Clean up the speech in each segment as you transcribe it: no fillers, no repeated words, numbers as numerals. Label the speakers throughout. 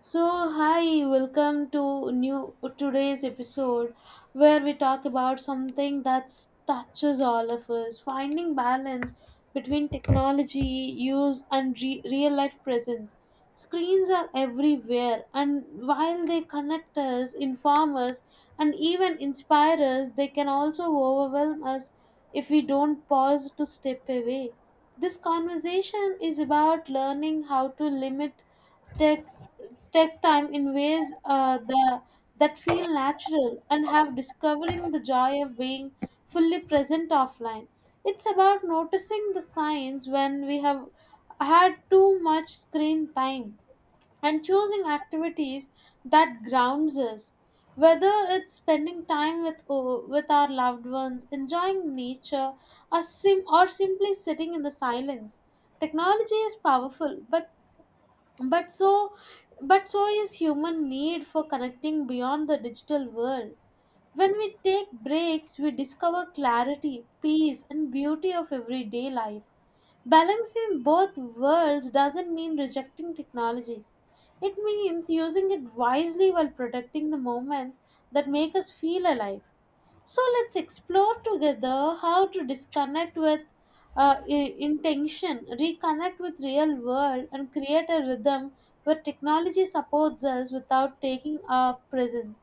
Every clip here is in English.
Speaker 1: So, hi, welcome to new today's episode where we talk about something that touches all of us, finding balance between technology use and real life presence. Screens are everywhere, and while they connect us, inform us, and even inspire us, they can also overwhelm us if we don't pause to step away. This conversation is about learning how to limit take take time in ways the that feel natural and have discovering the joy of being fully present offline. It's about noticing the signs when we have had too much screen time and choosing activities that grounds us. Whether it's spending time with our loved ones, enjoying nature, or simply sitting in the silence, technology is powerful, but so but so is human need for connecting beyond the digital world. When we take breaks, we discover clarity, peace, and beauty of everyday life. Balancing both worlds doesn't mean rejecting technology; it means using it wisely while protecting the moments that make us feel alive. So let's explore together how to disconnect with intention, reconnect with real world, and create a rhythm where technology supports us without taking our presence.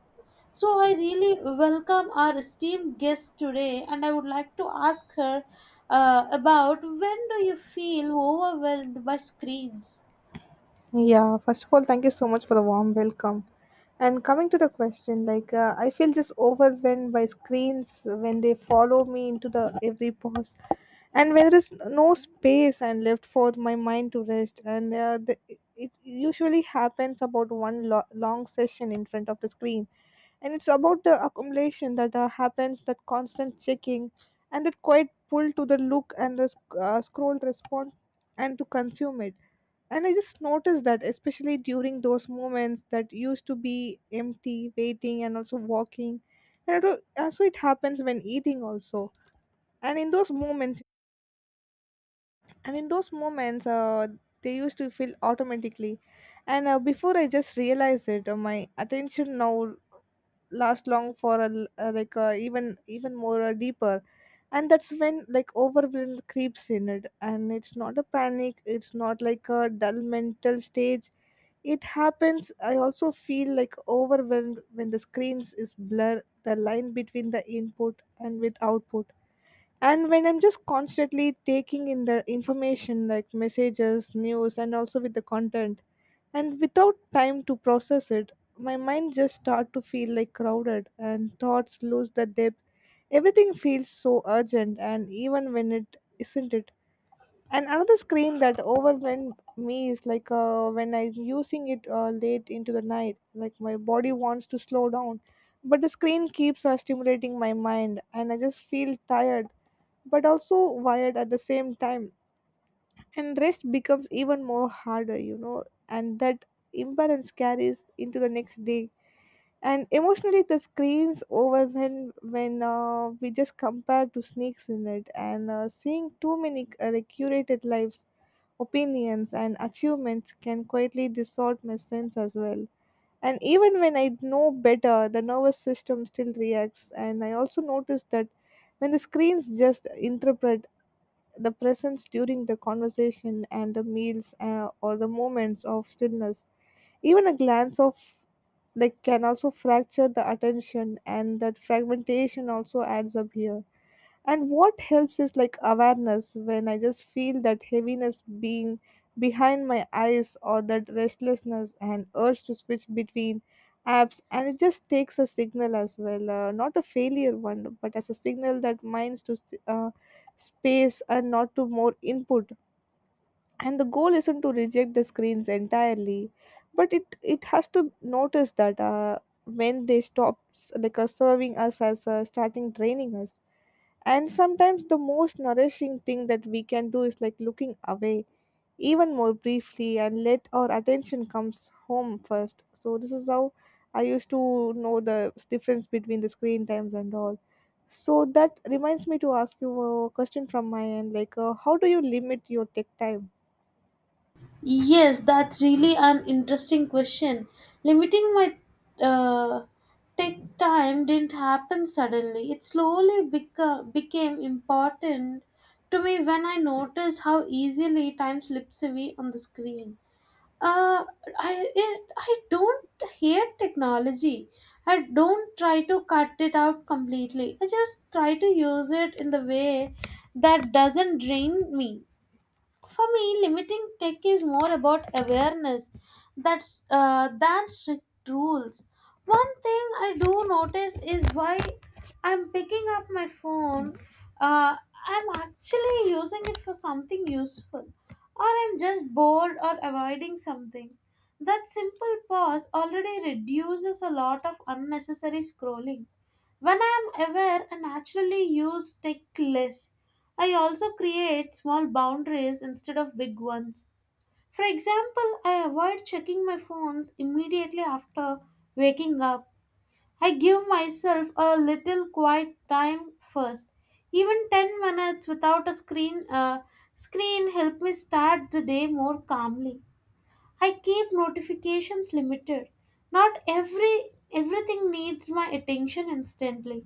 Speaker 1: So I really welcome our esteemed guest today, and I would like to ask her about, when do you feel overwhelmed by screens?
Speaker 2: Yeah, first of all, thank you so much for the warm welcome. And coming to the question, I feel just overwhelmed by screens when they follow me into the every pause, and when there is no space and left for my mind to rest, and it usually happens about long session in front of the screen, and it's about the accumulation that happens, that constant checking, and that quiet pull to the look and the scroll respond and to consume it. And I just noticed that, especially during those moments that used to be empty, waiting, and also walking. And it, al- also, so it happens when eating also. And in those moments, and in those moments, they used to feel automatically. And before I just realized it, my attention now last long for a, l- like even more deeper, and that's when like overwhelm creeps in it, and it's not a panic, it's not like a dull mental stage. It happens. I also feel like overwhelmed when the screens is blur the line between the input and with output, and when I'm just constantly taking in the information like messages, news, and also with the content, and without time to process it. My mind just start to feel like crowded and thoughts lose the depth. Everything feels so urgent and even when it isn't it. And another screen that overwhelmed me is like when I'm using it late into the night, like my body wants to slow down, but the screen keeps stimulating my mind and I just feel tired but also wired at the same time, and rest becomes even more harder, you know. And that imbalance carries into the next day. And emotionally the screens over when we just compare to snakes in it, and seeing too many curated lives, opinions, and achievements can quietly distort my sense as well. And even when I know better, the nervous system still reacts, and I also notice that when the screens just interpret the presence during the conversation and the meals, or the moments of stillness, even a glance of like can also fracture the attention, and that fragmentation also adds up here. And what helps is like awareness, when I just feel that heaviness being behind my eyes or that restlessness and urge to switch between apps. And it just takes a signal as well, not a failure one, but as a signal that minds to uh, space and not to more input. And the goal isn't to reject the screens entirely, but it has to notice that when they stops like serving us as starting draining us. And sometimes the most nourishing thing that we can do is like looking away even more briefly and let our attention comes home first. So this is how I used to know the difference between the screen times and all. So that reminds me to ask you a question from my end, how do you limit your tech time?
Speaker 1: Yes, that's really an interesting question. Limiting my uh, tech time didn't happen suddenly. It slowly became important to me when I noticed how easily time slips away on the screen. Uh, I don't hate technology. I don't try to cut it out completely. I just try to use it in the way that doesn't drain me. For me, limiting tech is more about awareness that's than strict rules. One thing I do notice is why I'm picking up my phone. Uh, I'm actually using it for something useful, or I'm just bored or avoiding something. That simple pause already reduces a lot of unnecessary scrolling. When I am aware, I naturally use tech less. I also create small boundaries instead of big ones. For example, I avoid checking my phones immediately after waking up. I give myself a little quiet time first. Even 10 minutes without a screen help me start the day more calmly. I keep notifications limited. Not everything needs my attention instantly.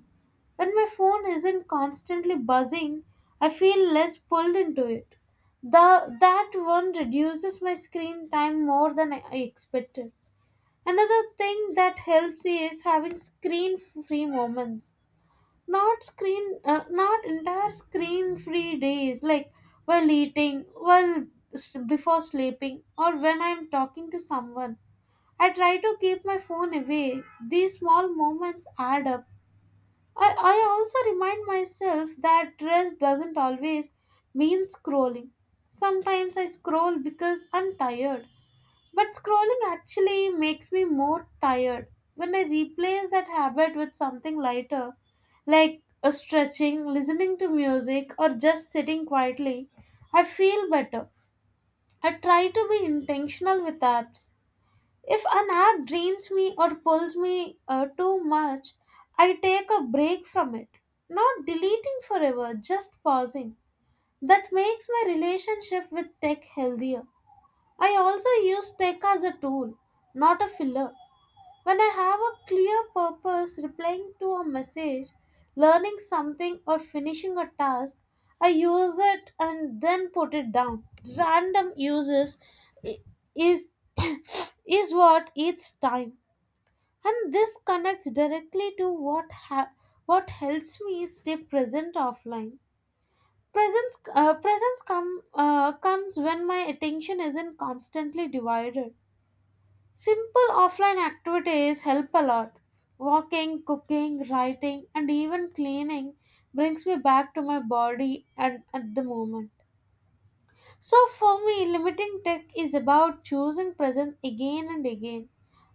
Speaker 1: When my phone isn't constantly buzzing, I feel less pulled into it. The that one reduces my screen time more than I expected. Another thing that helps is having screen free moments, not entire screen free days, like while eating, before sleeping, or when I'm talking to someone. I try to keep my phone away. These small moments add up. I also remind myself that rest doesn't always mean scrolling. Sometimes I scroll because I'm tired, but scrolling actually makes me more tired. When I replace that habit with something lighter, like a stretching, listening to music, or just sitting quietly, I feel better. I try to be intentional with apps. If an app drains me or pulls me too much, I take a break from it. Not deleting forever, just pausing. That makes my relationship with tech healthier. I also use tech as a tool, not a filler. When I have a clear purpose, replying to a message, learning something, or finishing a task, I use it and then put it down. Random uses i- is is what eats time, and this connects directly to what helps me stay present offline. Presence comes when my attention isn't constantly divided. Simple offline activities help a lot. Walking, cooking, writing, and even cleaning brings me back to my body and at the moment. So for me, limiting tech is about choosing present again and again.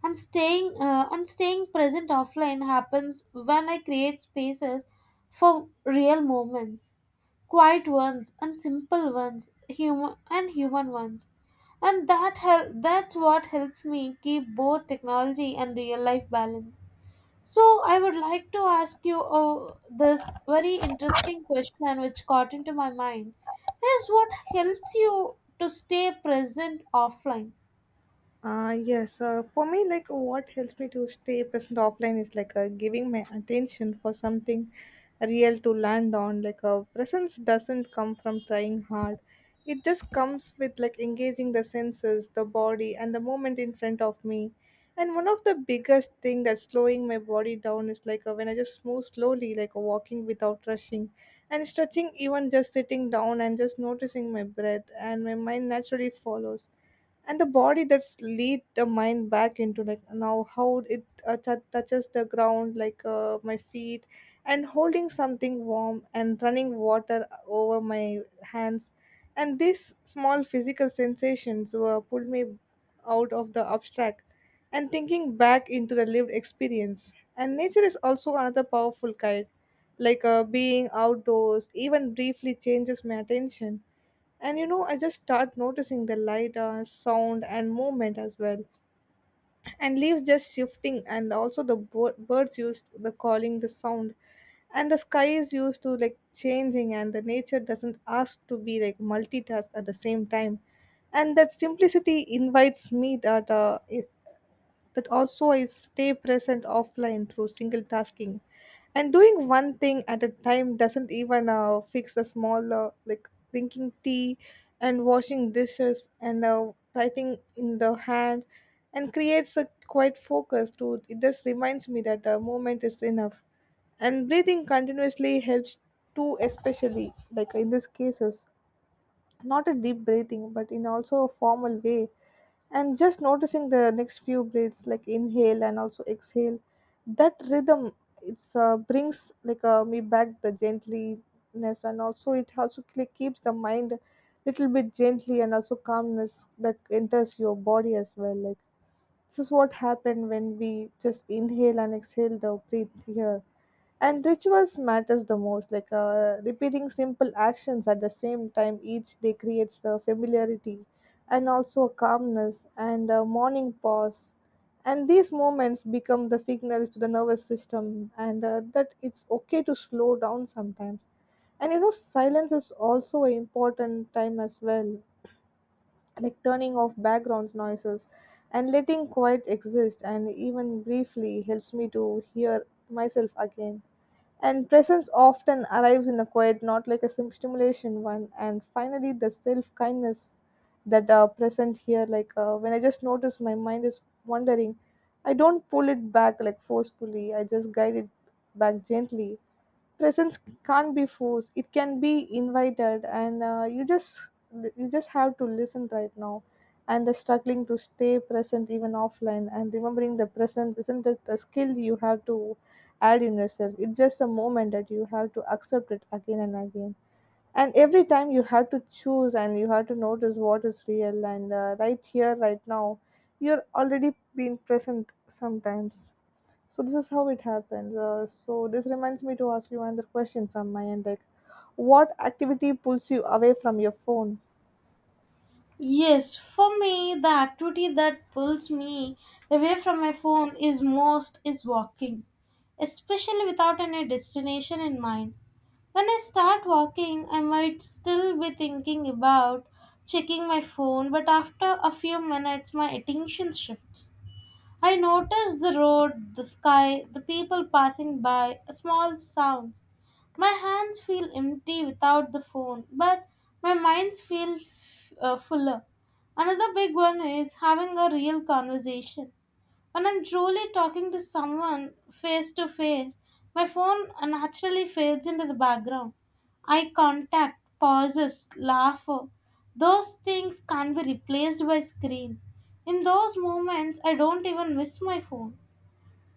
Speaker 1: And staying present offline happens when I create spaces for real moments, quiet ones and simple ones, human and human ones. And that's what helps me keep both technology and real life balance. So, I would like to ask you this very interesting question which caught into my mind, is what helps you to stay present offline?
Speaker 2: Yes, for me, like what helps me to stay present offline is giving my attention for something real to land on. Presence doesn't come from trying hard, it just comes with like engaging the senses, the body, and the moment in front of me. And one of the biggest thing that's slowing my body down is when I just move slowly, walking without rushing, and stretching, even just sitting down and just noticing my breath, and my mind naturally follows. And the body that's lead the mind back into like now how it touches the ground, my feet and holding something warm and running water over my hands. And these small physical sensations were pulled me out of the abstract and thinking back into the lived experience. And nature is also another powerful guide, being outdoors even briefly changes my attention, and you know, I just start noticing the light, sound, and movement as well. And leaves just shifting, and also the birds used the calling, the sound, and the sky is used to like changing, and the nature doesn't ask to be like multitask at the same time. And that simplicity invites me that that also I stay present offline through single tasking. And doing one thing at a time doesn't even fix the smaller, like drinking tea and washing dishes and writing in the hand, and creates a quiet focus to it. Just reminds me that the moment is enough. And breathing continuously helps too, especially like in these cases, not a deep breathing but in also a formal way, and just noticing the next few breaths like inhale and also exhale. That rhythm, it's brings me back the gentleness, and also it also keeps the mind little bit gently and also calmness that enters your body as well, like this is what happened when we just inhale and exhale the breath here. And rituals matters the most, repeating simple actions at the same time each day creates the familiarity and also a calmness and a morning pause. And these moments become the signals to the nervous system, and that it's okay to slow down sometimes. And you know, silence is also an important time as well, like turning off background noises and letting quiet exist, and even briefly helps me to hear myself again. And presence often arrives in a quiet, not like a stimulation one. And finally the self kindness that are present here, when I just notice my mind is wandering, I don't pull it back like forcefully, I just guide it back gently. Presence can't be forced, it can be invited, and you just have to listen right now. And the struggling to stay present even offline, and remembering the present isn't just a skill you have to add in yourself, it's just a moment that you have to accept it again and again. And every time you have to choose, and you have to notice what is real, and right here right now you're already being present sometimes. So this is how it happens. So this reminds me to ask you another question from my end, like, what activity pulls you away from your phone?
Speaker 1: Yes, for me, the activity that pulls me away from my phone is most is walking, especially without any destination in mind. When I start walking, I might still be thinking about checking my phone, but after a few minutes, my attention shifts. I noticed the road, the sky, the people passing by, small sounds. My hands feel empty without the phone, but my minds feel fuller. Another big one is having a real conversation. When I'm truly talking to someone face to face, my phone naturally fades into the background. Eye contact, pauses, laughter, those things can't be replaced by screen. In those moments, I don't even miss my phone.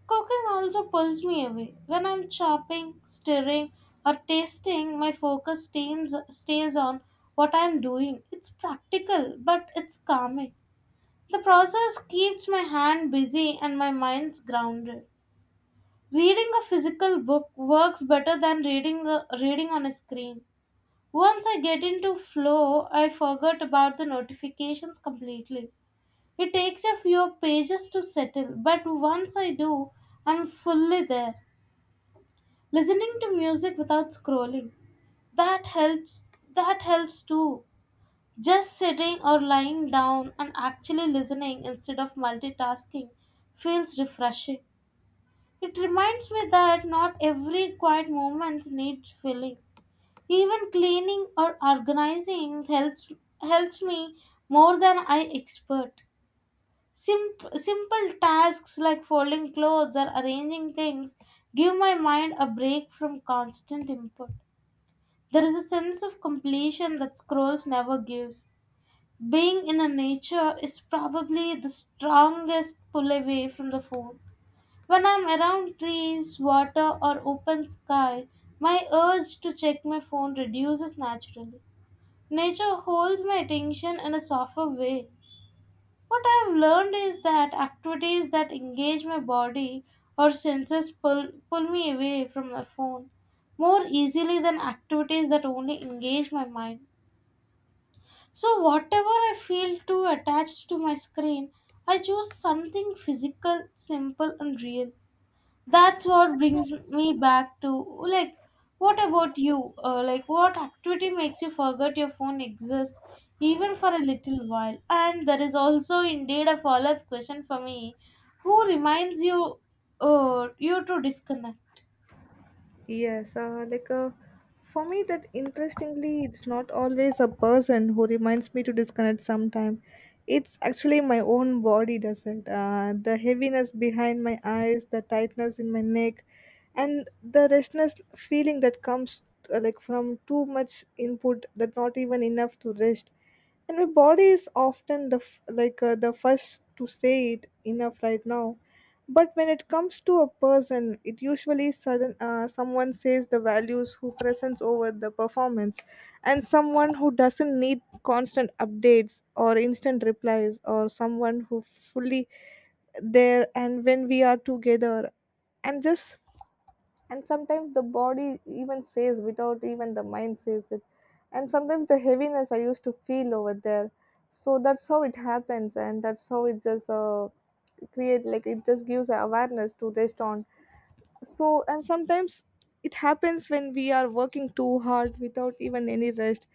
Speaker 1: Cooking also pulls me away. When I'm chopping, stirring, or tasting, my focus stays on what I'm doing. It's practical, but it's calming. The process keeps my hand busy and my mind's grounded. Reading a physical book works better than reading on a screen. Once I get into flow, I forget about the notifications completely. It takes a few pages to settle, but once I do, I'm fully there. Listening to music without scrolling. That helps that helps too. Just sitting or lying down and actually listening instead of multitasking feels refreshing. It reminds me that not every quiet moment needs filling. Even cleaning or organizing helps me more than I expect. Simple tasks like folding clothes or arranging things give my mind a break from constant input. There is a sense of completion that scrolls never gives. Being in the nature is probably the strongest pull away from the phone. When I'm around trees, water, or open sky, my urge to check my phone reduces naturally. Nature holds my attention in a softer way. What I've learned is that activities that engage my body or senses pull me away from my phone more easily than activities that only engage my mind. So, whatever I feel too attached to my screen, I choose something physical, simple, and real. That's what brings me back to like, what about you? What activity makes you forget your phone exists even for a little while? And there is also indeed a follow up question for me, who reminds you to disconnect?
Speaker 2: Yes, for me, that interestingly, it's not always a person who reminds me to disconnect sometime. It's actually my own body does it. The heaviness behind my eyes, the tightness in my neck, and the restless feeling that comes from too much input, that not even enough to rest. And my body is often the the first to say it enough right now. But when it comes to a person, it usually sudden someone says the values who presents over the performance, and someone who doesn't need constant updates or instant replies, or someone who fully there and when we are together, and just and sometimes the body even says without even the mind says it, and sometimes the heaviness I used to feel over there. So that's how it happens, and that's how it just create like it just gives awareness to rest on. So and sometimes it happens when we are working too hard without even any rest,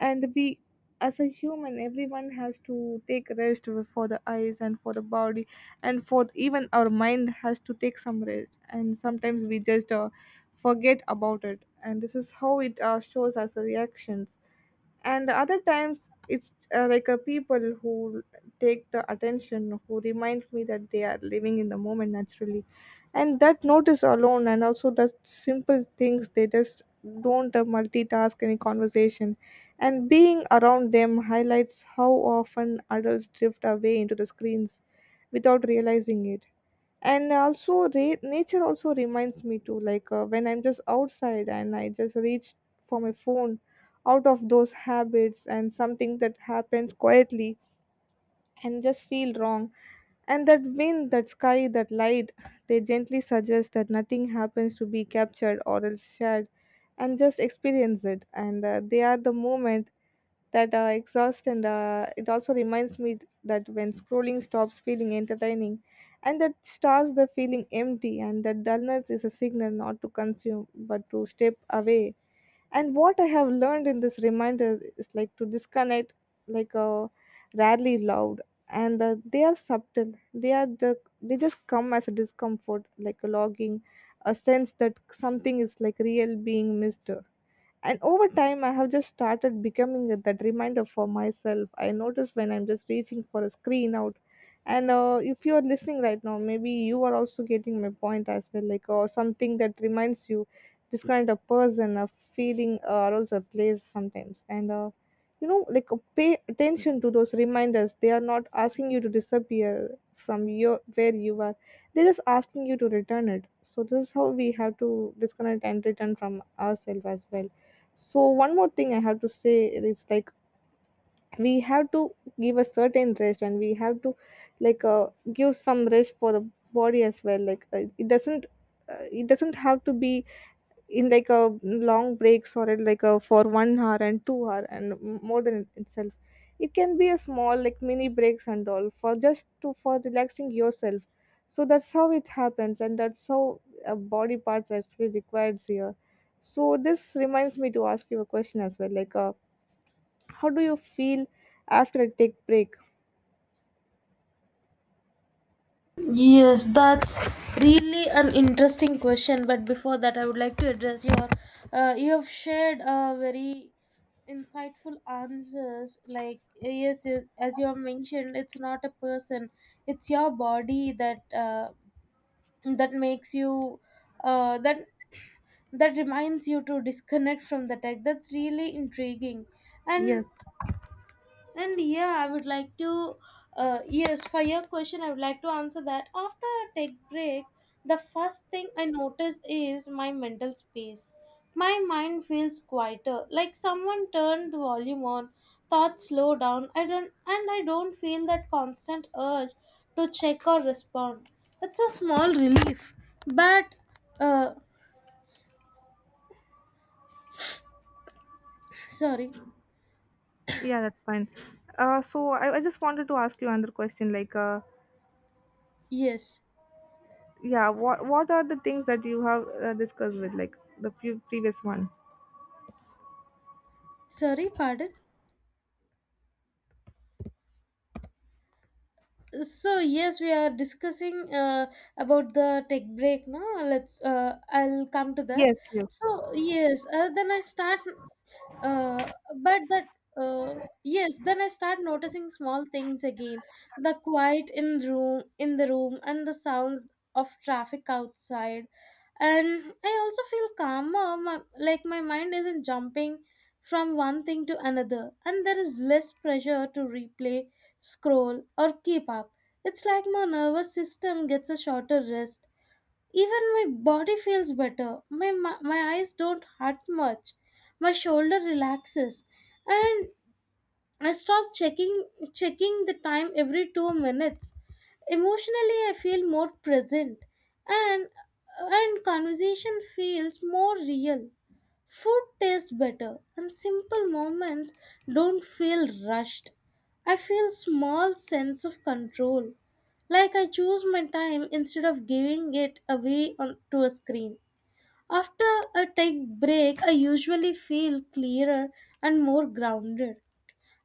Speaker 2: and we as a human everyone has to take rest for the eyes and for the body, and for even our mind has to take some rest, and sometimes we just forget about it, and this is how it shows as the reactions. And other times it's like a people who take the attention who remind me that they are living in the moment naturally, and that notice alone, and also the simple things they just don't multitask any conversation. And being around them highlights how often adults drift away into the screens without realizing it. And also nature also reminds me too. Like when I'm just outside and I just reach for my phone out of those habits, and something that happens quietly and just feel wrong. And that wind, that sky, that light, they gently suggest that nothing happens to be captured or else shared, and just experience it. And They are the moment that exhaust, and it also reminds me that when scrolling stops feeling entertaining, and that starts the feeling empty, and that dullness is a signal not to consume but to step away. And what I have learned in this reminder is like to disconnect, like uh, rarely loud. And they are subtle, they are they just come as a discomfort like a logging, a sense that something is like real being missed. And over time I have just started becoming that reminder for myself. I notice when I'm just reaching for a screen out. And if you're listening right now, maybe you are also getting my point as well, like or something that reminds you, this kind of person, a feeling, or also a place sometimes. And you know like Pay attention to those reminders. They are not asking you to disappear from your where you are, they're just asking you to return it. So this is how we have to disconnect and return from ourselves as well. So one more thing I have to say is like we have to give a certain rest, and we have to give some rest for the body as well. It doesn't, it doesn't have to be in like a long breaks or in like a for 1 hour and 2 hour and more than itself. It can be a small like mini breaks and all for just to for relaxing yourself. So that's how it happens, and that's how body parts actually required here. So this reminds me to ask you a question as well, how do you feel after a take break?
Speaker 1: Yes, that's really an interesting question. But before that, I would like to address your. You have shared a very insightful answers. Like yes, yes, as you have mentioned, it's not a person; it's your body that makes you uh, that that reminds you to disconnect from the tech. That's really intriguing, and
Speaker 2: Yeah.
Speaker 1: yeah, I would like to, yes, for your question, I would like to answer that. After a tech break, the first thing I notice is my mental space. My mind feels quieter, like someone turned the volume on, thoughts slow down, I don't feel that constant urge to check or respond. It's a small relief, but, uh, sorry,
Speaker 2: Yeah, that's fine. So I just wanted to ask you another question,
Speaker 1: yes,
Speaker 2: yeah, what are the things that you have discussed with like the previous one?
Speaker 1: sorry, pardon. So yes, we are discussing about the tech break. Now let's I'll come to that.
Speaker 2: Yes, yes.
Speaker 1: So yes, then I start uh, but that uh, yes, then I start noticing small things again, the quiet in room in the room and the sounds of traffic outside. And I also feel calmer. My mind isn't jumping from one thing to another and there is less pressure to replay, scroll, or keep up. It's like my nervous system gets a shorter rest. Even my body feels better. My eyes don't hurt much. My shoulder relaxes. And I stop checking the time every 2 minutes. Emotionally, I feel more present, and and conversation feels more real. Food tastes better and simple moments don't feel rushed. I feel small sense of control. Like I choose my time instead of giving to a screen. After a take break, I usually feel clearer and more grounded.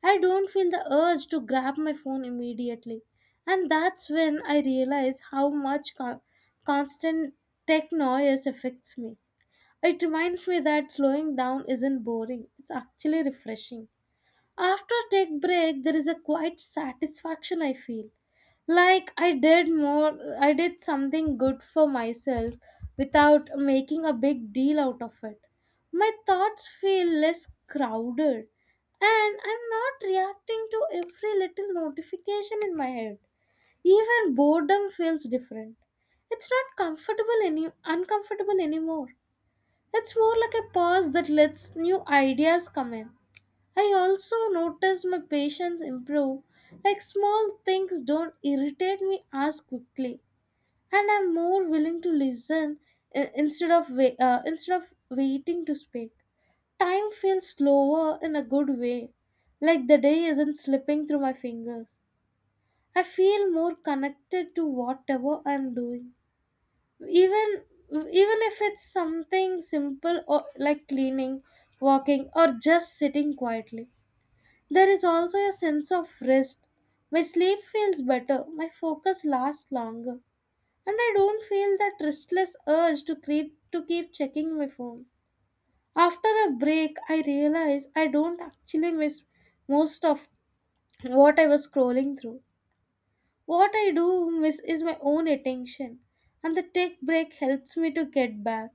Speaker 1: I don't feel the urge to grab my phone immediately. And that's when I realize how much constant tech noise affects me. It reminds me that slowing down isn't boring, it's actually refreshing. After a tech break, there is a quiet satisfaction I feel. I did something good for myself without making a big deal out of it. My thoughts feel less crowded and I'm not reacting to every little notification in my head. Even boredom feels different. It's not comfortable any uncomfortable anymore. It's more like a pause that lets new ideas come in. I also notice my patience improve, like small things don't irritate me as quickly, and I'm more willing to listen instead of waiting to speak. Time feels slower in a good way, like the day isn't slipping through my fingers. I feel more connected to whatever I'm doing, even even if it's something simple or like cleaning, walking, or just sitting quietly. There is also a sense of rest. My sleep feels better, my focus lasts longer, and I don't feel that restless urge to creep to keep checking my phone. After a break, I realize I don't actually miss most of what I was scrolling through. What I do miss is my own attention, and the tech break helps me to get back.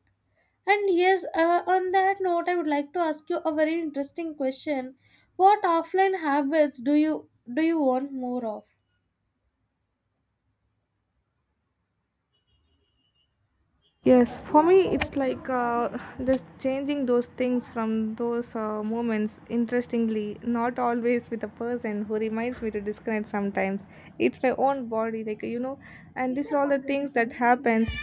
Speaker 1: And yes, on that note, I would like to ask you a very interesting question. What offline habits do you want more of?
Speaker 2: Yes, for me it's just changing those things from those moments, interestingly not always with a person who reminds me to disconnect. Sometimes it's my own body, like you know. And these are all the things that happens,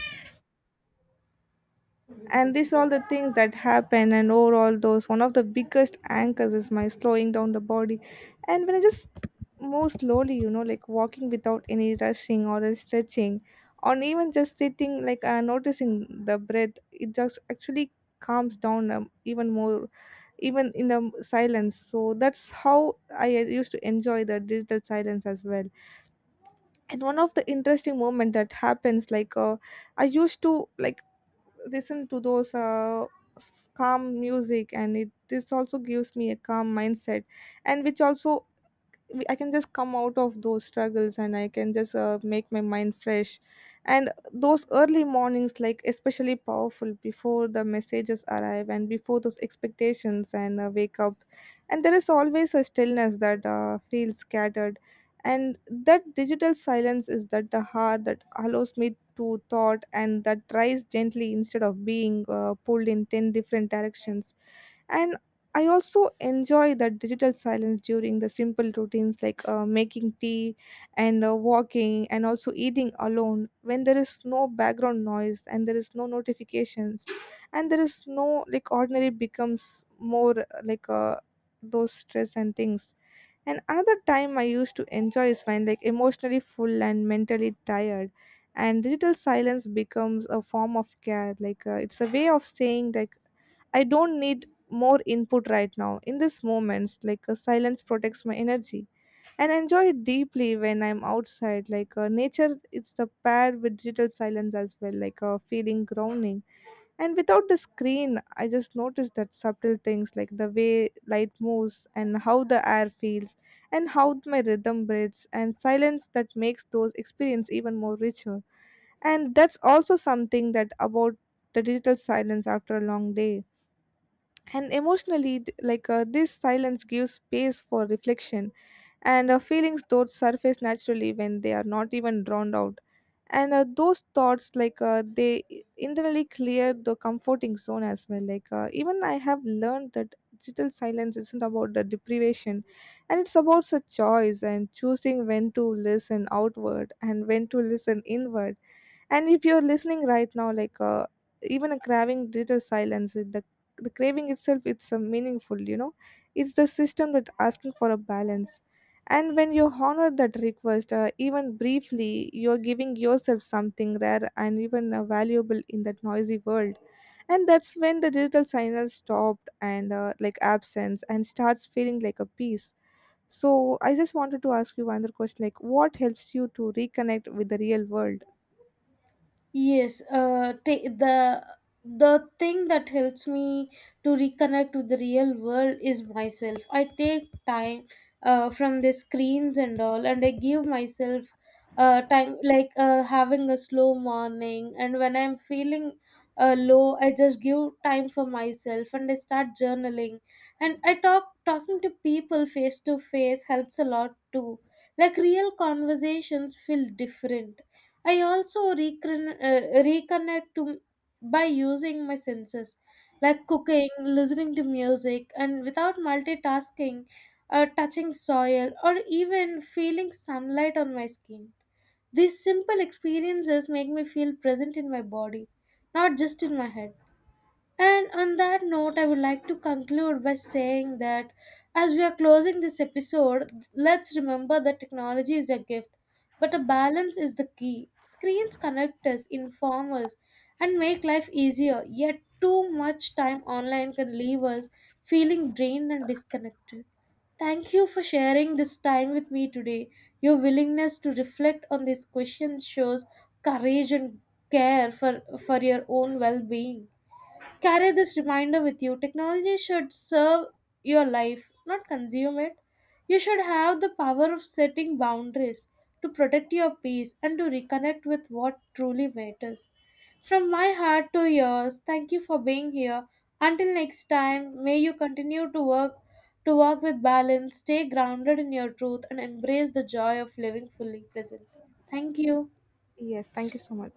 Speaker 2: and these are all the things that happen. And overall those one of the biggest anchors is my slowing down the body. And when I just move slowly, you know, like walking without any rushing or a stretching, or even just sitting, noticing the breath, it just actually calms down, even more, even in the silence. So that's how I used to enjoy the digital silence as well. And one of the interesting moment that happens I used to like listen to those calm music, and it this also gives me a calm mindset. And which also I can just come out of those struggles, and I can just make my mind fresh. And those early mornings, like especially powerful before the messages arrive and before those expectations and wake up. And there is always a stillness that feels scattered. And that digital silence is that the heart that allows me to thought and that rise gently instead of being pulled in 10 different directions. And I also enjoy that digital silence during the simple routines, making tea and walking and also eating alone, when there is no background noise and there is no notifications and there is no like ordinary becomes more those stress and things. And another time I used to enjoy is when like emotionally full and mentally tired, and digital silence becomes a form of care, it's a way of saying like I don't need more input right now. In these moments, silence protects my energy, and I enjoy it deeply when I'm outside. Nature, it's the pair with digital silence as well, feeling grounding. And without the screen, I just notice that subtle things, like the way light moves and how the air feels, and how my rhythm breathes, and silence that makes those experience even more richer. And that's also something that about the digital silence after a long day and emotionally this silence gives space for reflection, and feelings those surface naturally when they are not even drawn out. And those thoughts internally clear the comforting zone as well, even I have learned that digital silence isn't about the deprivation, and it's about a choice and choosing when to listen outward and when to listen inward. And if you're listening right now, even a craving digital silence, the craving itself, it's meaningful. You know, it's the system that asking for a balance. And when you honor that request, even briefly, you're giving yourself something rare and even valuable in that noisy world. And that's when the digital signal stopped, and like absence and starts feeling like a piece. So I just wanted to ask you another question, like what helps you to reconnect with the real world?
Speaker 1: Yes, the thing that helps me to reconnect with the real world is myself. I take time from the screens and all, and I give myself time, having a slow morning. And when I'm feeling low, I just give time for myself, and I start journaling. And I talk talking to people face to face helps a lot too. Like real conversations feel different. I also reconnect to by using my senses, like cooking, listening to music, and without multitasking, touching soil, or even feeling sunlight on my skin. These simple experiences make me feel present in my body, not just in my head. And on that note, I would like to conclude by saying that as we are closing this episode, let's remember that technology is a gift, but a balance is the key. Screens connect us, inform us, and make life easier, yet, too much time online can leave us feeling drained and disconnected. Thank you for sharing this time with me today. Your willingness to reflect on these questions shows courage and care for your own well being. Carry this reminder with you. Technology should serve your life, not consume it. You should have the power of setting boundaries to protect your peace and to reconnect with what truly matters. From my heart to yours, thank you for being here. Until next time, may you continue to walk with balance, stay grounded in your truth and embrace the joy of living fully present. Thank you.
Speaker 2: Yes, thank you so much.